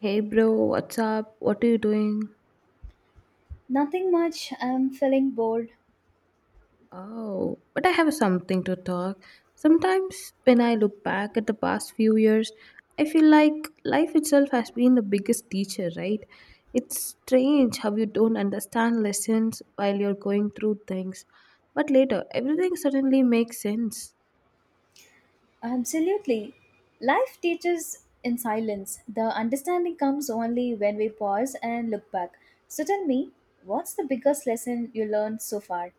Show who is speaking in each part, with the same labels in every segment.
Speaker 1: Hey bro, what's up? What are you doing?
Speaker 2: Nothing much. I'm feeling bored.
Speaker 1: Oh, but I have something to talk. Sometimes when I look back at the past few years, I feel like life itself has been the biggest teacher, right? It's strange how you don't understand lessons while you're going through things, but later everything suddenly makes sense.
Speaker 2: Absolutely. Life teaches in silence. The understanding comes only when we pause and look back. So tell me, what's the biggest lesson you learned so far?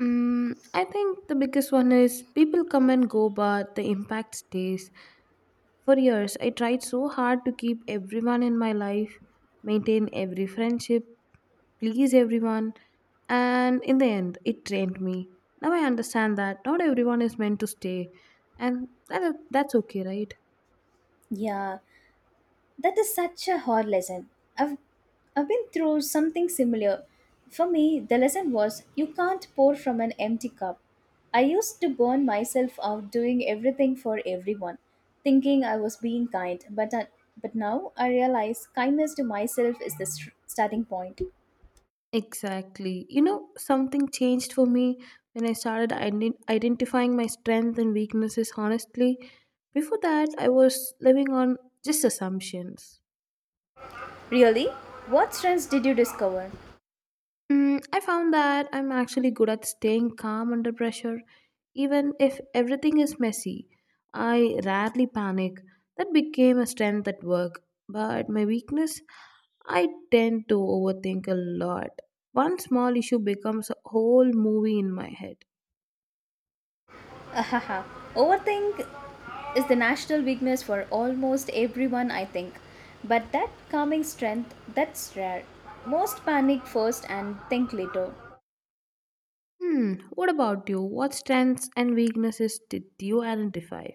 Speaker 1: Mm, I think the biggest one is people come and go, but the impact stays. For years, I tried so hard to keep everyone in my life, maintain every friendship, please everyone, and in the end, it drained me. Now I understand that not everyone is meant to stay, and that's okay, right?
Speaker 2: Yeah, that is such a hard lesson. I've, I've been through something similar. For me, the lesson was you can't pour from an empty cup. I used to burn myself out doing everything for everyone, thinking I was being kind, but now I realize kindness to myself is the starting point.
Speaker 1: Exactly. Something changed for me when I started identifying my strengths and weaknesses honestly. Before that, I was living on just assumptions.
Speaker 2: Really? What strengths did you discover?
Speaker 1: Mm, I found that I'm actually good at staying calm under pressure, even if everything is messy. I rarely panic. That became a strength at work. But my weakness, I tend to overthink a lot. One small issue becomes a whole movie in my head.
Speaker 2: Ahaha. Overthink is the national weakness for almost everyone, I think. But that calming strength, that's rare. Most panic first and think later.
Speaker 1: Hmm, what about you? What strengths and weaknesses did you identify?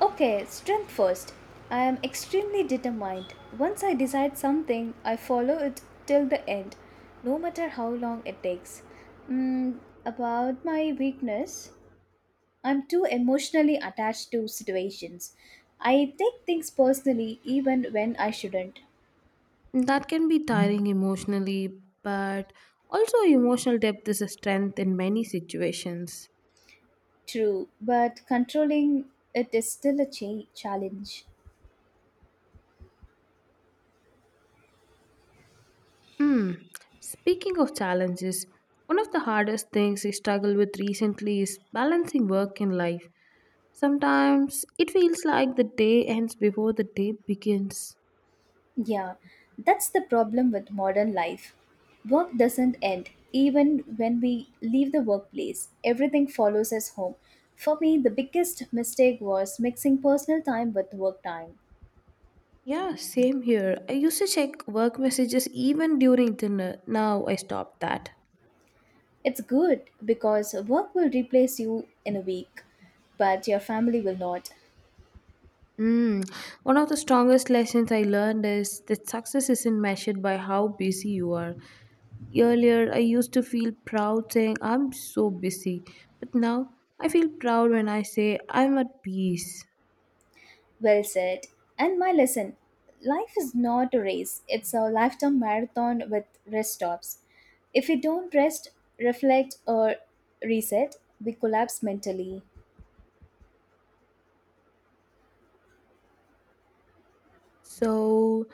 Speaker 2: Okay, strength first. I am extremely determined. Once I decide something, I follow it till the end, no matter how long it takes. Mm, about my weakness, I'm too emotionally attached to situations. I take things personally even when I shouldn't.
Speaker 1: That can be tiring emotionally, but also emotional depth is a strength in many situations.
Speaker 2: True, but controlling it is still a challenge.
Speaker 1: Hmm. Speaking of challenges, one of the hardest things I struggle with recently is balancing work and life. Sometimes it feels like the day ends before the day begins.
Speaker 2: Yeah, that's the problem with modern life. Work doesn't end. Even when we leave the workplace, everything follows us home. For me, the biggest mistake was mixing personal time with work time.
Speaker 1: Yeah, same here. I used to check work messages even during dinner. Now I stopped that.
Speaker 2: It's good because work will replace you in a week, but your family will not.
Speaker 1: Mm. One of the strongest lessons I learned is that success isn't measured by how busy you are. Earlier, I used to feel proud saying I'm so busy, but now I feel proud when I say I'm at peace.
Speaker 2: Well said. And my lesson, life is not a race, it's a lifetime marathon with rest stops. If we don't rest, reflect, or reset, we collapse mentally.
Speaker 1: So,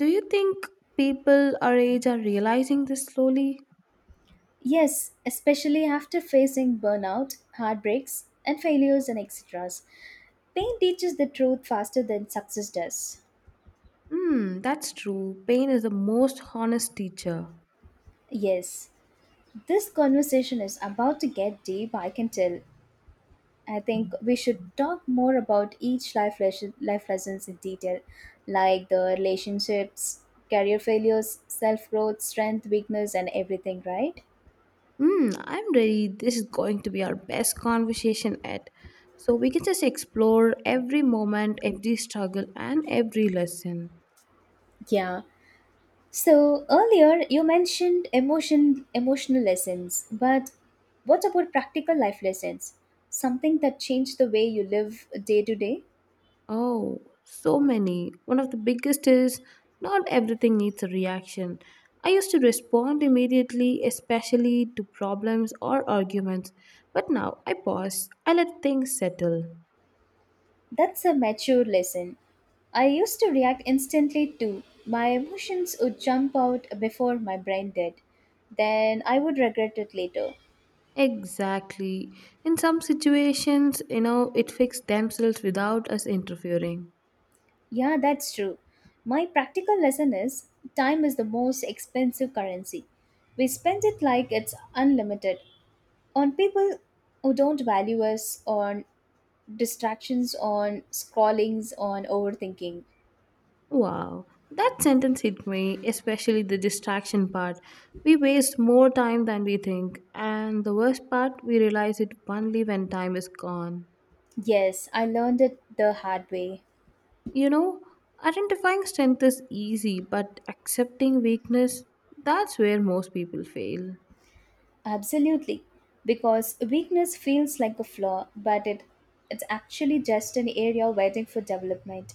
Speaker 1: do you think people our age are realizing this slowly?
Speaker 2: Yes, especially after facing burnout, heartbreaks, and failures and etc. Pain teaches the truth faster than success does.
Speaker 1: Hmm, that's true. Pain is the most honest teacher.
Speaker 2: Yes, this conversation is about to get deep, I can tell. I think we should talk more about each life lessons in detail, like the relationships, career failures, self growth, strength, weakness, and everything. Right?
Speaker 1: Hmm, I'm ready. This is going to be our best conversation yet. So, we can just explore every moment, every struggle, and every lesson.
Speaker 2: Yeah. So earlier you mentioned emotional lessons, but what about practical life lessons? Something that changed the way you live day to day?
Speaker 1: Oh, so many. One of the biggest is not everything needs a reaction. I used to respond immediately, especially to problems or arguments, but now I pause. I let things settle.
Speaker 2: That's a mature lesson. I used to react instantly too. My emotions would jump out before my brain did. Then I would regret it later.
Speaker 1: Exactly. In some situations, it fixed themselves without us interfering.
Speaker 2: Yeah, that's true. My practical lesson is time is the most expensive currency. We spend it like it's unlimited on people who don't value us, on distractions, on scrollings, on overthinking.
Speaker 1: Wow, that sentence hit me, especially the distraction part. We waste more time than we think, and the worst part, we realize it only when time is gone.
Speaker 2: Yes, I learned it the hard way.
Speaker 1: You know, Identifying strength is easy, but accepting weakness, that's where most people fail.
Speaker 2: Absolutely, because weakness feels like a flaw, but it's actually just an area waiting for development.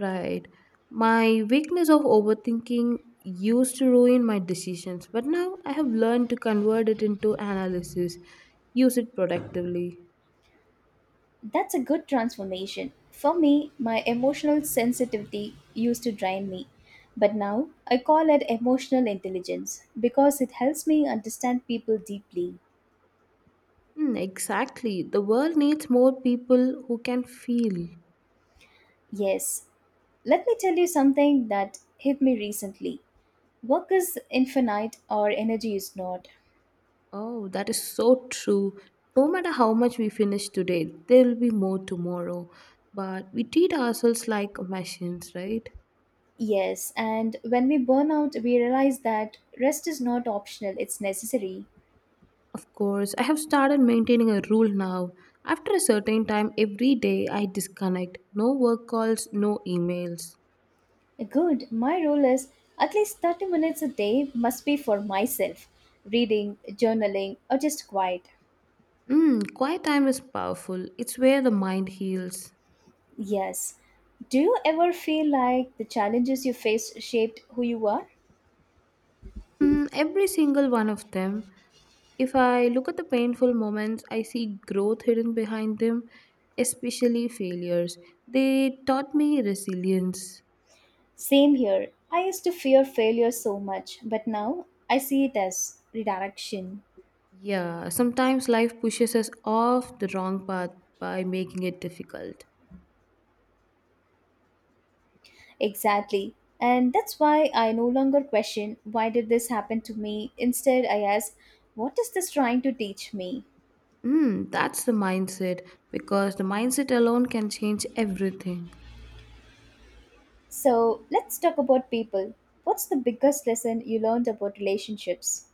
Speaker 1: Right. My weakness of overthinking used to ruin my decisions, but now I have learned to convert it into analysis, use it productively.
Speaker 2: That's a good transformation. For me, my emotional sensitivity used to drain me, but now I call it emotional intelligence because it helps me understand people deeply.
Speaker 1: Mm, exactly. The world needs more people who can feel.
Speaker 2: Yes, let me tell you something that hit me recently. Work is infinite or energy is not.
Speaker 1: Oh, that is so true. No matter how much we finish today, there will be more tomorrow. But we treat ourselves like machines, right?
Speaker 2: Yes, and when we burn out, we realize that rest is not optional, it's necessary.
Speaker 1: Of course, I have started maintaining a rule now. After a certain time every day, I disconnect. No work calls, no emails.
Speaker 2: Good, my rule is at least 30 minutes a day must be for myself, reading, journaling, or just quiet.
Speaker 1: Mm, quiet time is powerful. It's where the mind heals.
Speaker 2: Yes. Do you ever feel like the challenges you face shaped who you are?
Speaker 1: Mm, every single one of them. If I look at the painful moments, I see growth hidden behind them, especially failures. They taught me resilience.
Speaker 2: Same here. I used to fear failure so much, but now I see it as redirection.
Speaker 1: Yeah, sometimes life pushes us off the wrong path by making it difficult.
Speaker 2: Exactly. And that's why I no longer question why did this happen to me. Instead, I ask, what is this trying to teach me?
Speaker 1: Mm, that's the mindset because the mindset alone can change everything.
Speaker 2: So, let's talk about people. What's the biggest lesson you learned about relationships?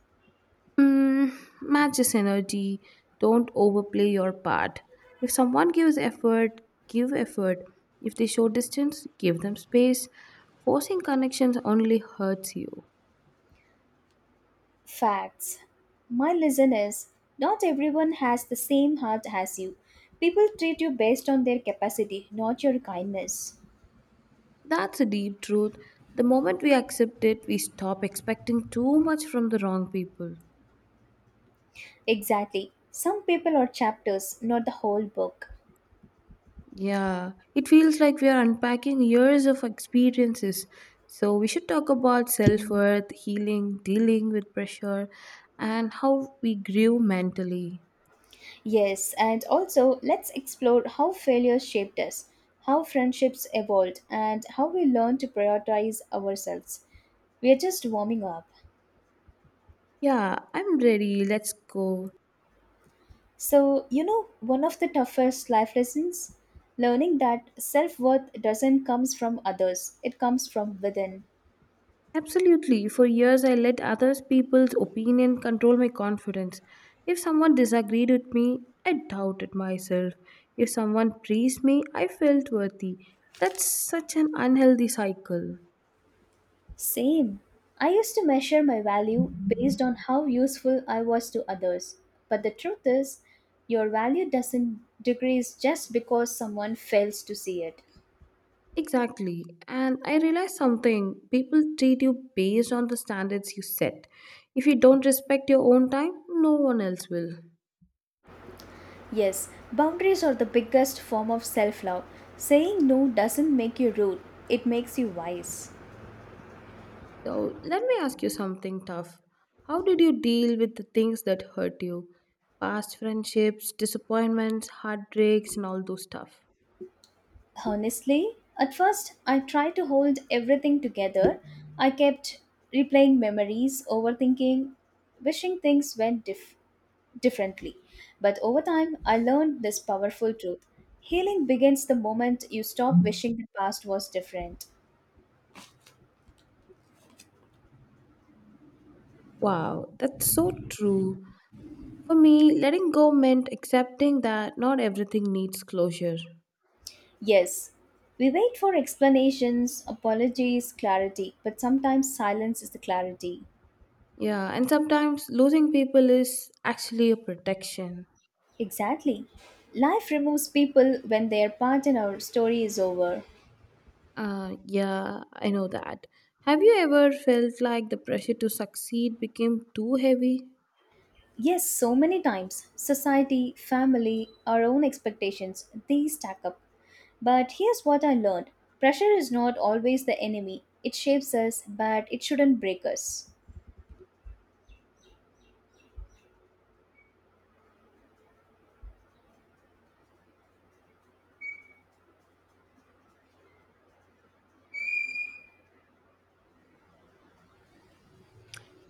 Speaker 1: Mm, matches energy. Don't overplay your part. If someone gives effort, give effort. If they show distance, give them space. Forcing connections only hurts you.
Speaker 2: Facts. My lesson is not everyone has the same heart as you. People treat you based on their capacity, not your kindness.
Speaker 1: That's a deep truth. The moment we accept it, we stop expecting too much from the wrong people.
Speaker 2: Exactly. Some people are chapters, not the whole book.
Speaker 1: Yeah, it feels like we are unpacking years of experiences. So, we should talk about self worth, healing, dealing with pressure, and how we grew mentally.
Speaker 2: Yes, and also let's explore how failure shaped us, how friendships evolved, and how we learn to prioritize ourselves. We are just warming up.
Speaker 1: Yeah, I'm ready. Let's go.
Speaker 2: So, you know, one of the toughest life lessons, learning that self worth doesn't comes from others, it comes from within.
Speaker 1: Absolutely. For years, I let others people's opinion control my confidence. If someone disagreed with me, I doubted myself. If someone praised me, I felt worthy. That's such an unhealthy cycle.
Speaker 2: Same. I used to measure my value based on how useful I was to others. But the truth is, your value doesn't decrease just because someone fails to see it.
Speaker 1: Exactly. And I realized something people treat you based on the standards you set. If you don't respect your own time, no one else will.
Speaker 2: Yes, boundaries are the biggest form of self love. Saying no doesn't make you rude, it makes you wise.
Speaker 1: So let me ask you something tough. How did you deal with the things that hurt you? Past friendships, disappointments, heartbreaks, and all those stuff.
Speaker 2: Honestly, at first I tried to hold everything together. I kept replaying memories, overthinking, wishing things went differently. But over time, I learned this powerful truth. Healing begins the moment you stop wishing the past was different.
Speaker 1: Wow, that's so true. For me, letting go meant accepting that not everything needs closure.
Speaker 2: Yes, we wait for explanations, apologies, clarity, but sometimes silence is the clarity.
Speaker 1: Yeah, and sometimes losing people is actually a protection.
Speaker 2: Exactly. Life removes people when their part in our story is over.
Speaker 1: Yeah, I know that. Have you ever felt like the pressure to succeed became too heavy?
Speaker 2: Yes, so many times. Society, family, our own expectations, these stack up. But here's what I learned, pressure is not always the enemy. It shapes us, but it shouldn't break us.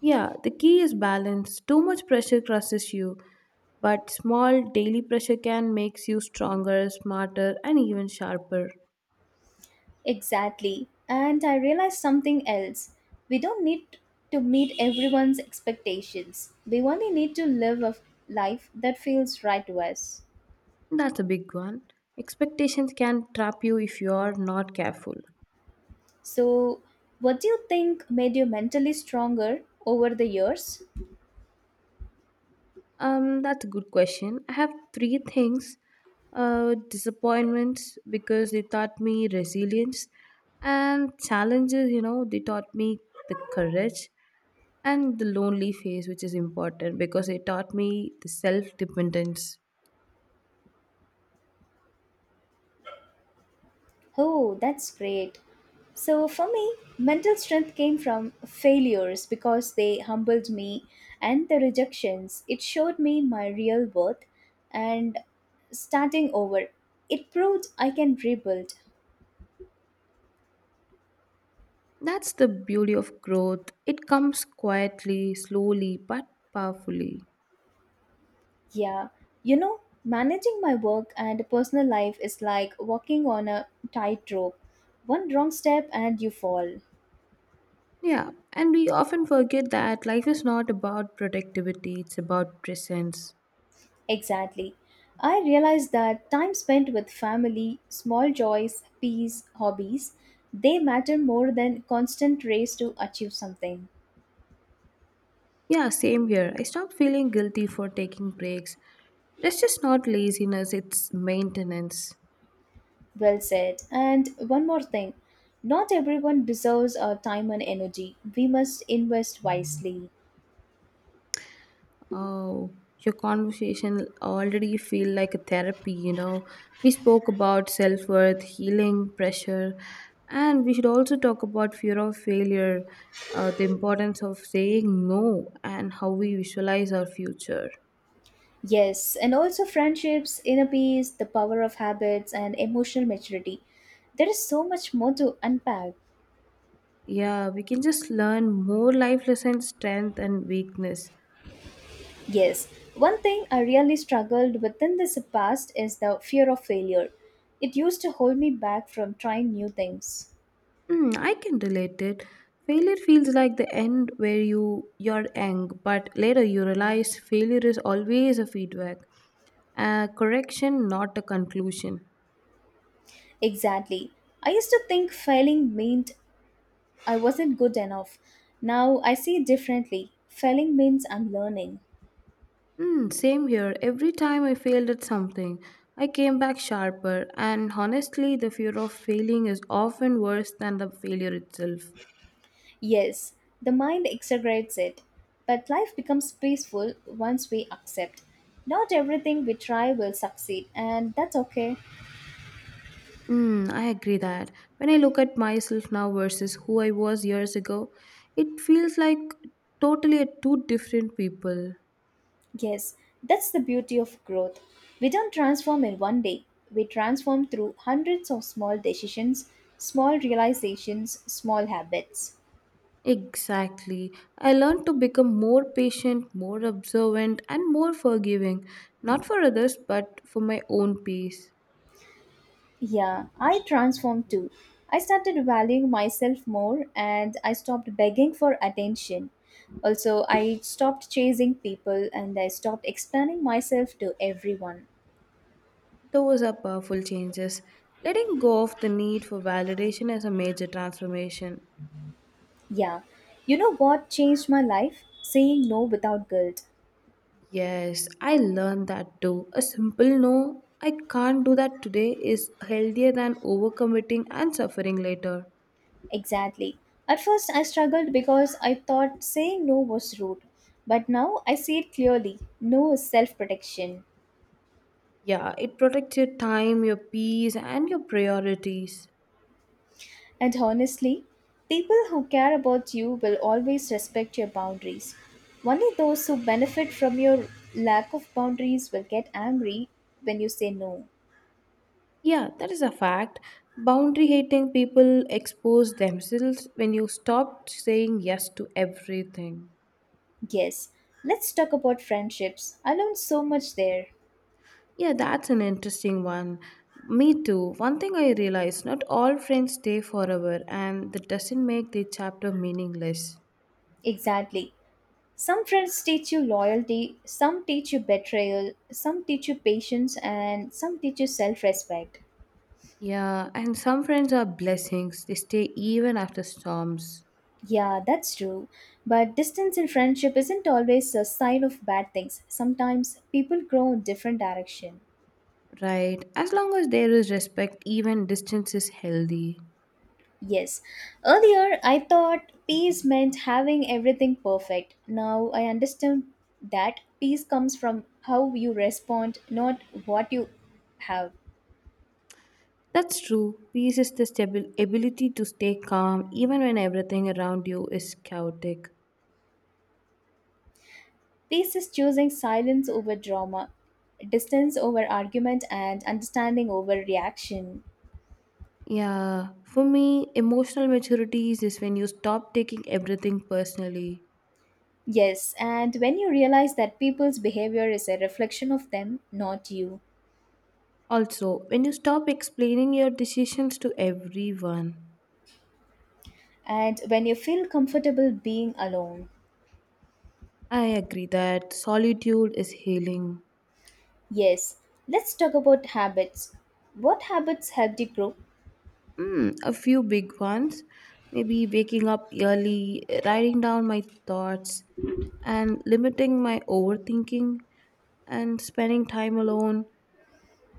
Speaker 1: Yeah, the key is balance. Too much pressure crushes you, but small daily pressure can makes you stronger, smarter, and even sharper.
Speaker 2: Exactly. And I realized something else. We don't need to meet everyone's expectations. We only need to live a life that feels right to us.
Speaker 1: That's a big one. Expectations can trap you if you are not careful.
Speaker 2: So, what do you think made you mentally stronger over the years?
Speaker 1: That's a good question. I have three things disappointments because they taught me resilience, and challenges, they taught me the courage, and the lonely phase, which is important because it taught me the self dependence.
Speaker 2: Oh, that's great. So, for me, mental strength came from failures because they humbled me and the rejections. It showed me my real worth and starting over. It proved I can rebuild.
Speaker 1: That's the beauty of growth. It comes quietly, slowly, but powerfully.
Speaker 2: Yeah, you know, managing my work and personal life is like walking on a tightrope. One wrong step and you fall.
Speaker 1: Yeah, and we often forget that life is not about productivity, it's about presence.
Speaker 2: Exactly. I realized that time spent with family, small joys, peace, hobbies, they matter more than constant race to achieve something.
Speaker 1: Yeah, same here. I stopped feeling guilty for taking breaks. That's just not laziness, it's maintenance.
Speaker 2: Well said. And one more thing. Not everyone deserves our time and energy. We must invest wisely.
Speaker 1: Oh, your conversation already feel like a therapy. We spoke about self-worth, healing, pressure, and we should also talk about fear of failure, the importance of saying no, and how we visualize our future.
Speaker 2: Yes, and also friendships, inner peace, the power of habits, and emotional maturity. There is so much more to unpack.
Speaker 1: Yeah, we can just learn more life lessons, strength and weakness.
Speaker 2: Yes, one thing I really struggled within this past is the fear of failure. It used to hold me back from trying new things.
Speaker 1: Hmm, I can relate it. Failure feels like the end where you're ang, but later you realize failure is always a feedback, a correction, not a conclusion.
Speaker 2: Exactly. I used to think failing meant I wasn't good enough. Now I see it differently. Failing means I'm learning.
Speaker 1: Hmm, same here. Every time I failed at something, I came back sharper, and honestly, the fear of failing is often worse than the failure itself.
Speaker 2: Yes, the mind exaggerates it, but life becomes peaceful once we accept. Not everything we try will succeed, and that's okay.
Speaker 1: Mm, I agree that. When I look at myself now versus who I was years ago, it feels like totally a two different people.
Speaker 2: Yes, that's the beauty of growth. We don't transform in one day, we transform through hundreds of small decisions, small realizations, small habits.
Speaker 1: Exactly. I learned to become more patient, more observant, and more forgiving, not for others, but for my own peace.
Speaker 2: Yeah, I transformed too. I started valuing myself more and I stopped begging for attention. Also, I stopped chasing people and I stopped explaining myself to everyone.
Speaker 1: Those are powerful changes. Letting go of the need for validation is a major transformation.
Speaker 2: Yeah, you know what changed my life? Saying no without guilt.
Speaker 1: Yes, I learned that too. A simple no, I can't do that today, is healthier than overcommitting and suffering later.
Speaker 2: Exactly. At first, I struggled because I thought saying no was rude. But now I see it clearly, no is self protection.
Speaker 1: Yeah, it protects your time, your peace, and your priorities.
Speaker 2: And honestly, people who care about you will always respect your boundaries. Only those who benefit from your lack of boundaries will get angry when you say no.
Speaker 1: Yeah, that is a fact. Boundary hating people expose themselves when you stop saying yes to everything.
Speaker 2: Yes, let's talk about friendships. I learned so much there.
Speaker 1: Yeah, that's an interesting one. Me too. One thing I realized not all friends stay forever, and that doesn't make the chapter meaningless.
Speaker 2: Exactly. Some friends teach you loyalty, some teach you betrayal, some teach you patience, and some teach you self respect.
Speaker 1: Yeah, and some friends are blessings, they stay even after storms.
Speaker 2: Yeah, that's true. But distance in friendship isn't always a sign of bad things. Sometimes people grow in different direction.
Speaker 1: Right, as long as there is respect, even distance is healthy.
Speaker 2: Yes. Earlier I thought peace meant having everything perfect. Now I understand that peace comes from how you respond, not what you have.
Speaker 1: That's true. Peace is the ability to stay calm even when everything around you is chaotic.
Speaker 2: Peace is choosing silence over drama, distance over argument and understanding over reaction.
Speaker 1: Yeah, for me, emotional maturity is when you stop taking everything personally.
Speaker 2: Yes, and when you realize that people's behavior is a reflection of them, not you,
Speaker 1: Also, when you stop explaining your decisions to everyone.
Speaker 2: and when you feel comfortable being alone.
Speaker 1: I agree that solitude is healing.
Speaker 2: Yes, let's talk about habits. What habits helped you grow?
Speaker 1: Hmm, a few big ones. Maybe waking up early, writing down my thoughts, and limiting my overthinking and spending time alone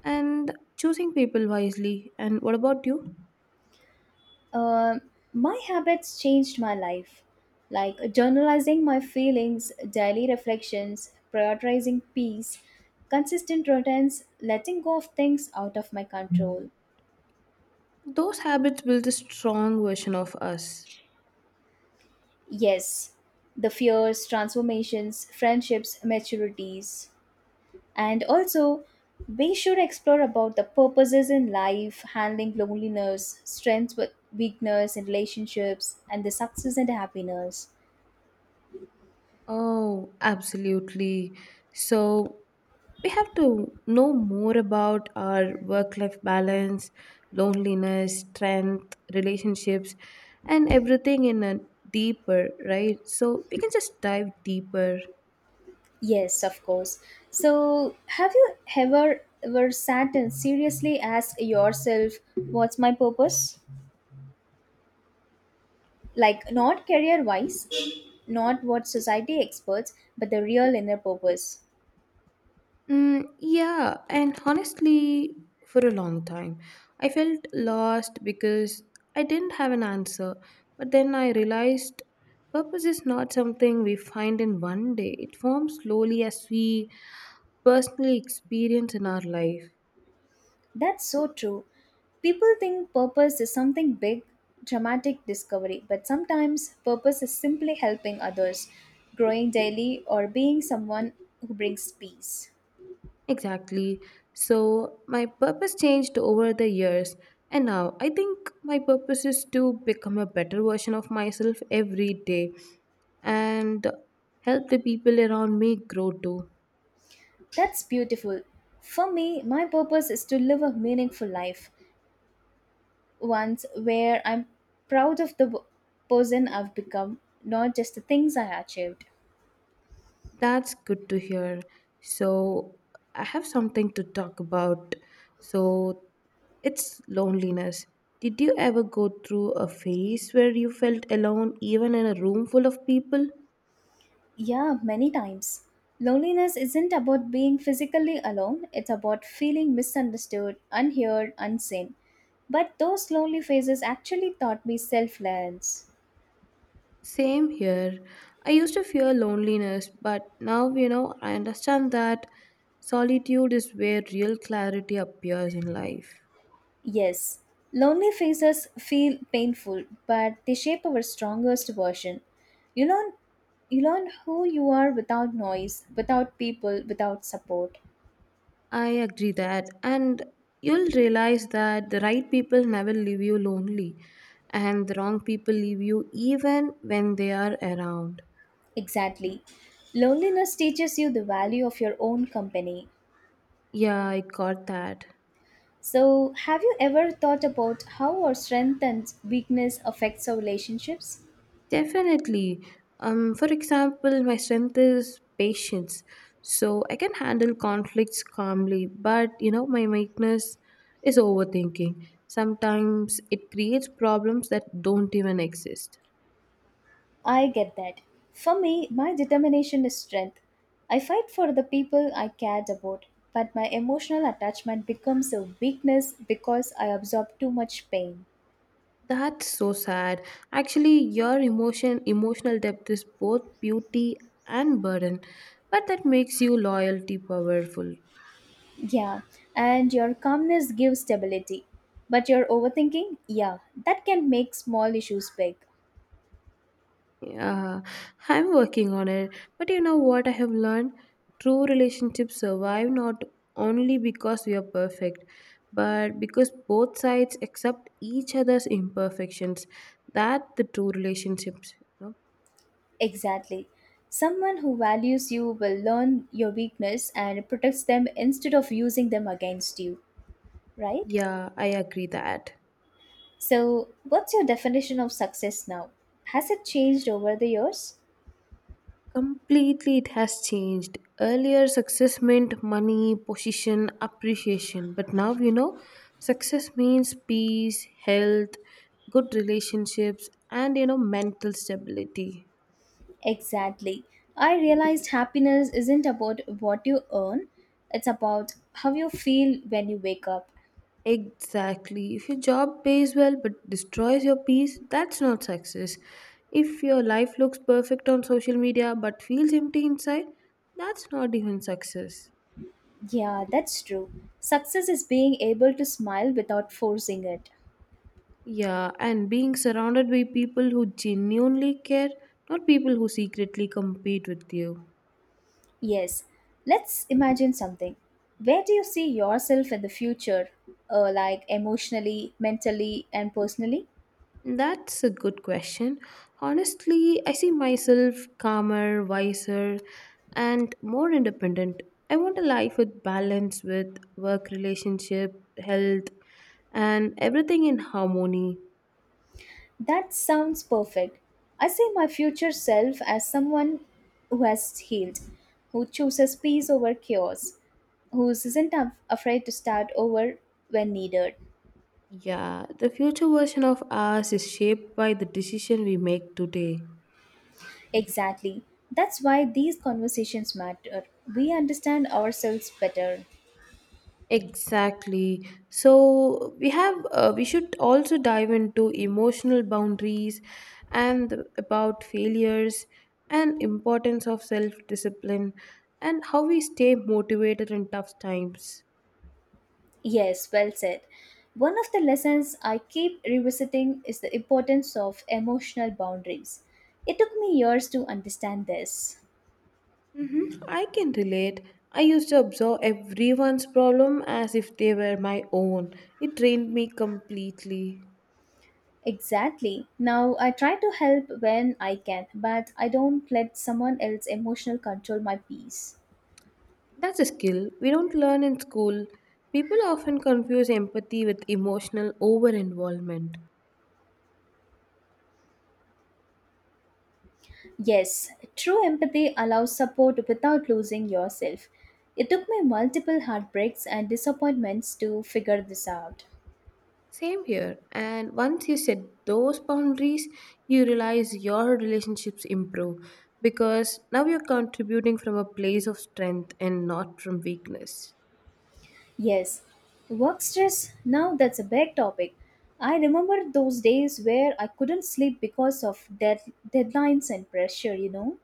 Speaker 1: and choosing people wisely. And what about you?
Speaker 2: Uh, my habits changed my life, like journalizing my feelings, daily reflections, prioritizing peace, consistent routines, letting go of things out of my control.
Speaker 1: Those habits build a strong version of us.
Speaker 2: Yes, the fears, transformations, friendships, maturities. And also we should explore about the purposes in life, handling loneliness, strengths with weakness in relationships, and the success and happiness.
Speaker 1: Oh, absolutely. So, we have to know more about our work life balance, loneliness, strength, relationships, and everything in a deeper, right? So, we can just dive deeper.
Speaker 2: Yes, of course. So have you ever sat and seriously asked yourself, what's my purpose? Like, not career wise, not what society experts, but the real inner purpose.
Speaker 1: Mm, yeah, and honestly, for a long time, I felt lost because I didn't have an answer. But then I realized purpose is not something we find in one day, it forms slowly as we personally experience in our life.
Speaker 2: That's so true. People think purpose is something big, dramatic discovery, but sometimes purpose is simply helping others, growing daily, or being someone who brings peace.
Speaker 1: Exactly. So my purpose changed over the years, and now I think my purpose is to become a better version of myself every day and help the people around me grow too.
Speaker 2: That's beautiful. For me, my purpose is to live a meaningful life, ones where I'm proud of the person I've become, not just the things I achieved.
Speaker 1: That's good to hear. So I have something to talk about. So it's loneliness. Did you ever go through a phase where you felt alone even in a room full of people?
Speaker 2: Yeah, many times. Loneliness isn't about being physically alone, it's about feeling misunderstood, unheard, unseen. But those lonely faces actually taught me selfless.
Speaker 1: Same here. I used to fear loneliness, but now, I understand that solitude is where real clarity appears in life.
Speaker 2: Yes, lonely faces feel painful, but they shape our strongest version. You learn, you learn who you are without noise, without people, without support.
Speaker 1: I agree that, and you'll realize that the right people never leave you lonely, and the wrong people leave you even when they are around.
Speaker 2: Exactly. Loneliness teaches you the value of your own company.
Speaker 1: Yeah, I got that.
Speaker 2: So, have you ever thought about how our strength and weakness affects our relationships?
Speaker 1: Definitely. For example, my strength is patience. So I can handle conflicts calmly, but my weakness is overthinking. Sometimes it creates problems that don't even exist.
Speaker 2: I get that. For me, my determination is strength. I fight for the people I cared about, but my emotional attachment becomes a weakness because I absorb too much pain.
Speaker 1: That's so sad. Actually, your emotional depth is both beauty and burden, but that makes you loyalty powerful.
Speaker 2: Yeah, and your calmness gives stability. But your overthinking, yeah, that can make small issues big.
Speaker 1: Yeah, I'm working on it. But you know what I have learned? True relationships survive not only because we are perfect, but because both sides accept each other's imperfections. That the true relationships. You know?
Speaker 2: Exactly. Someone who values you will learn your weakness and protects them instead of using them against you, right?
Speaker 1: Yeah, I agree that.
Speaker 2: So, what's your definition of success now? Has it changed over the years?
Speaker 1: Completely, it has changed. Earlier, success meant money, position, appreciation. But now, success means peace, health, good relationships, and mental stability.
Speaker 2: Exactly. I realized happiness isn't about what you earn, it's about how you feel when you wake up.
Speaker 1: Exactly. If your job pays well but destroys your peace, that's not success. If your life looks perfect on social media but feels empty inside, that's not even success.
Speaker 2: Yeah, that's true. Success is being able to smile without forcing it.
Speaker 1: Yeah, and being surrounded by people who genuinely care, not people who secretly compete with you.
Speaker 2: Yes, let's imagine something. Where do you see yourself in the future, like emotionally, mentally, and personally?
Speaker 1: That's a good question. Honestly, I see myself calmer, wiser, and more independent. I want a life with balance, with work, relationship, health, and everything in harmony.
Speaker 2: That sounds perfect. I see my future self as someone who has healed, who chooses peace over chaos, who isn't afraid to start over when needed.
Speaker 1: Yeah, the future version of us is shaped by the decision we make today.
Speaker 2: Exactly. That's why these conversations matter. We understand ourselves better.
Speaker 1: Exactly. So we have we should also dive into emotional boundaries and about failures and importance of self-discipline and how we stay motivated in tough times.
Speaker 2: Yes, well said. One of the lessons I keep revisiting is the importance of emotional boundaries. It took me years to understand this.
Speaker 1: Mm-hmm. I can relate. I used to absorb everyone's problem as if they were my own. It drained me completely.
Speaker 2: Exactly. Now I try to help when I can, but I don't let someone else emotional control my peace.
Speaker 1: That's a skill we don't learn in school. People often confuse empathy with emotional over involvement.
Speaker 2: Yes, true empathy allows support without losing yourself. It took me multiple heartbreaks and disappointments to figure this out.
Speaker 1: Same here. And once you set those boundaries, you realize your relationships improve because now you're contributing from a place of strength and not from weakness.
Speaker 2: Yes, work stress. Now that's a big topic. I remember those days where I couldn't sleep because of deadlines and pressure,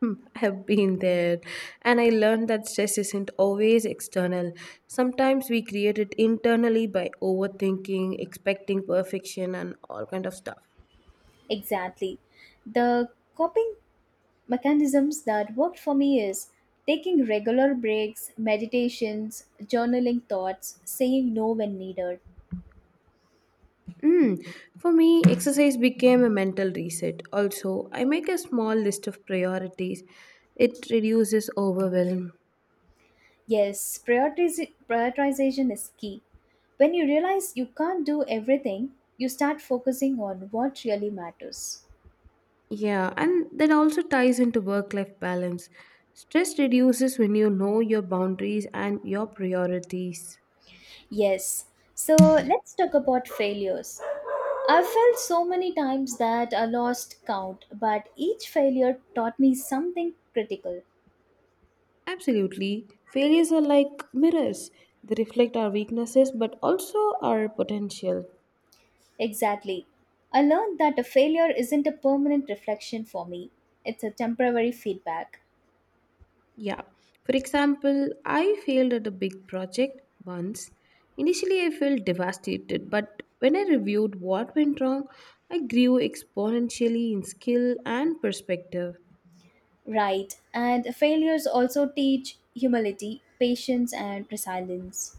Speaker 1: Hmm, I've been there and I learned that stress isn't always external. Sometimes we create it internally by overthinking, expecting perfection, and all kind of stuff.
Speaker 2: Exactly. The coping mechanisms that worked for me is taking regular breaks, meditations, journaling thoughts, saying no when needed.
Speaker 1: Mm. For me, exercise became a mental reset. Also, I make a small list of priorities. It reduces overwhelm.
Speaker 2: Yes, prioritization is key. When you realize you can't do everything, you start focusing on what really matters.
Speaker 1: Yeah, and that also ties into work life balance. Stress reduces when you know your boundaries and your priorities.
Speaker 2: Yes. So let's talk about failures. I've felt so many times that I lost count, but each failure taught me something critical.
Speaker 1: Absolutely. Failures are like mirrors, they reflect our weaknesses but also our potential.
Speaker 2: Exactly. I learned that a failure isn't a permanent reflection for me, it's a temporary feedback.
Speaker 1: Yeah. For example, I failed at a big project once. Initially, I felt devastated, but when I reviewed what went wrong, I grew exponentially in skill and perspective.
Speaker 2: Right, and failures also teach humility, patience, and resilience.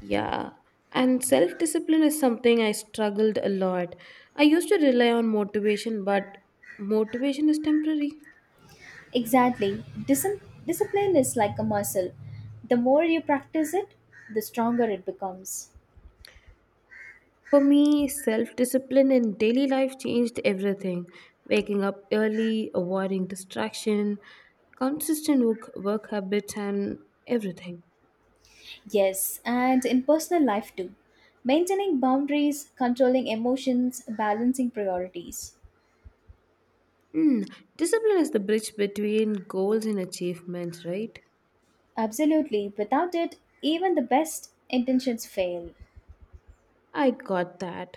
Speaker 1: Yeah. And self discipline is something I struggled a lot. I used to rely on motivation, but motivation is temporary.
Speaker 2: Exactly. Discipline is like a muscle. The more you practice it, the stronger it becomes.
Speaker 1: For me, self discipline in daily life changed everything. Waking up early, avoiding distraction, consistent work habits, and everything.
Speaker 2: Yes, and in personal life too. Maintaining boundaries, controlling emotions, balancing priorities.
Speaker 1: Hmm, discipline is the bridge between goals and achievements, right?
Speaker 2: Absolutely, without it, even the best intentions fail.
Speaker 1: I got that.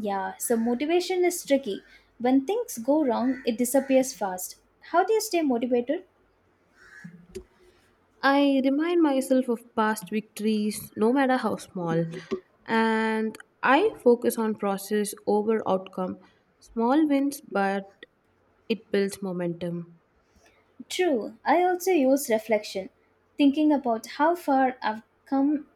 Speaker 2: Yeah, so motivation is tricky. When things go wrong, it disappears fast. How do you stay motivated?
Speaker 1: I remind myself of past victories, no matter how small, and I focus on process over outcome. Small wins, but it builds momentum.
Speaker 2: True, I also use reflection, thinking about how far I've come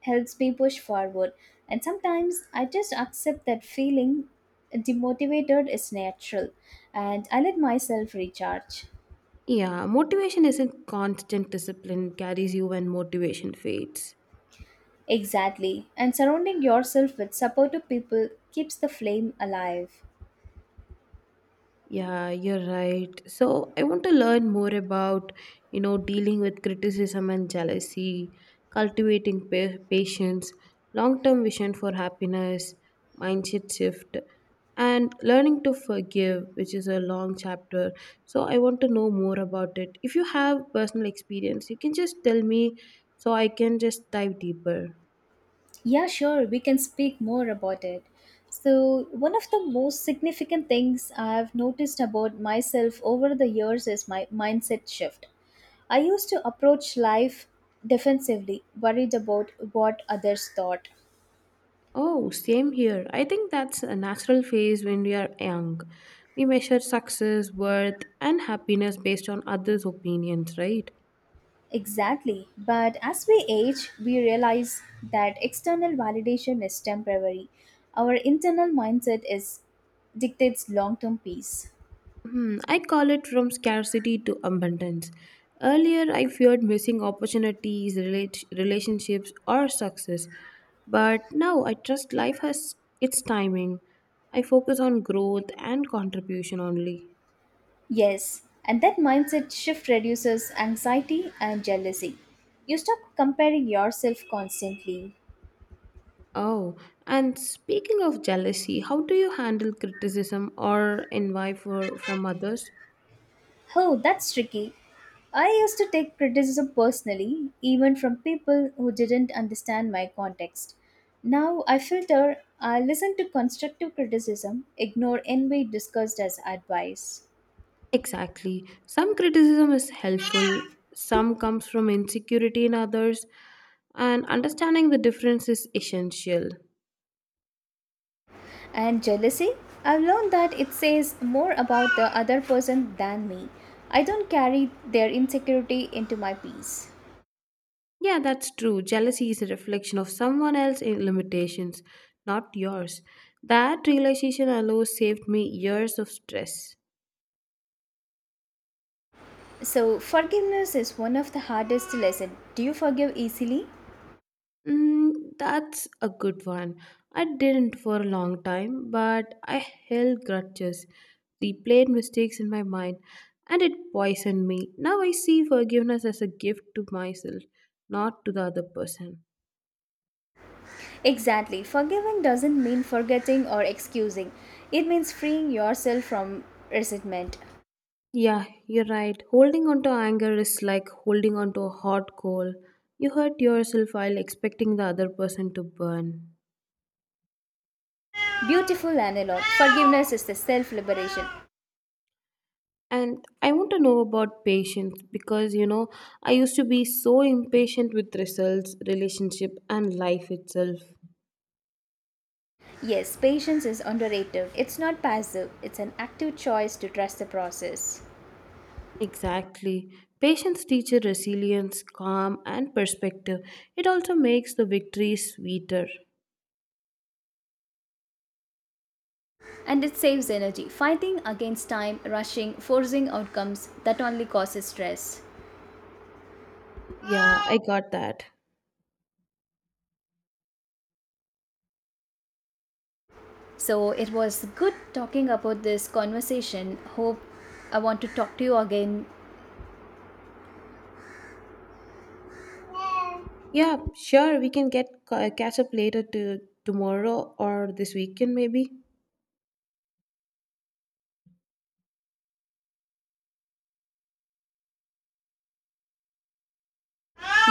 Speaker 2: helps me push forward. And sometimes I just accept that feeling demotivated is natural and I let myself recharge.
Speaker 1: Yeah, motivation isn't constant discipline carries you when motivation fades.
Speaker 2: Exactly. And surrounding yourself with supportive people keeps the flame alive.
Speaker 1: Yeah, you're right. So I want to learn more about, you know, dealing with criticism and jealousy, cultivating patience, long-term vision for happiness, mindset shift, and learning to forgive, which is a long chapter. So I want to know more about it. If you have personal experience, you can just tell me so I can just dive deeper.
Speaker 2: Yeah, sure, we can speak more about it. So, one of the most significant things I've noticed about myself over the years is my mindset shift. I used to approach life defensively, worried about what others thought.
Speaker 1: Oh, same here. I think that's a natural phase when we are young. We measure success, worth, and happiness based on others' opinions, right?
Speaker 2: Exactly. But as we age, we realize that external validation is temporary. Our internal mindset is dictates long-term peace.
Speaker 1: Hmm, I call it from scarcity to abundance. Earlier, I feared missing opportunities, relationships, or success. But now I trust life has its timing. I focus on growth and contribution only.
Speaker 2: Yes, and that mindset shift reduces anxiety and jealousy. You stop comparing yourself constantly.
Speaker 1: Oh, and speaking of jealousy, how do you handle criticism or envy from others?
Speaker 2: Oh, that's tricky. I used to take criticism personally, even from people who didn't understand my context. Now I filter, I listen to constructive criticism, ignore envy discussed as advice.
Speaker 1: Exactly. Some criticism is helpful, some comes from insecurity in others, and understanding the difference is essential.
Speaker 2: And jealousy? I've learned that it says more about the other person than me. I don't carry their insecurity into my peace.
Speaker 1: Yeah, that's true. Jealousy is a reflection of someone else's limitations, not yours. That realization alone saved me years of stress.
Speaker 2: So, forgiveness is one of the hardest lessons. Do you forgive easily?
Speaker 1: Mm, that's a good one. I didn't for a long time, but I held grudges, replayed mistakes in my mind, and it poisoned me. Now I see forgiveness as a gift to myself, not to the other person.
Speaker 2: Exactly. Forgiving doesn't mean forgetting or excusing. It means freeing yourself from resentment.
Speaker 1: Yeah, you're right. Holding on to anger is like holding on to a hot coal. You hurt yourself while expecting the other person to burn.
Speaker 2: Beautiful analog. Forgiveness is the self liberation.
Speaker 1: And I want to know about patience because you know, I used to be so impatient with results, relationship, and life itself.
Speaker 2: Yes, patience is underrated. It's not passive, it's an active choice to trust the process.
Speaker 1: Exactly. Patience teaches resilience, calm, and perspective. It also makes the victories sweeter.
Speaker 2: And it saves energy. Fighting against time, rushing, forcing outcomes, that only causes stress.
Speaker 1: Yeah, I got that.
Speaker 2: So it was good talking about this conversation. Hope I want to talk to you again.
Speaker 1: Yeah, sure, we can get catch up later to tomorrow or this weekend maybe.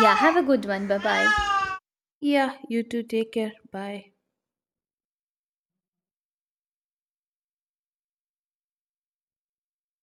Speaker 2: Yeah, have a good one. Bye bye.
Speaker 1: Yeah, you too. Take care. Bye.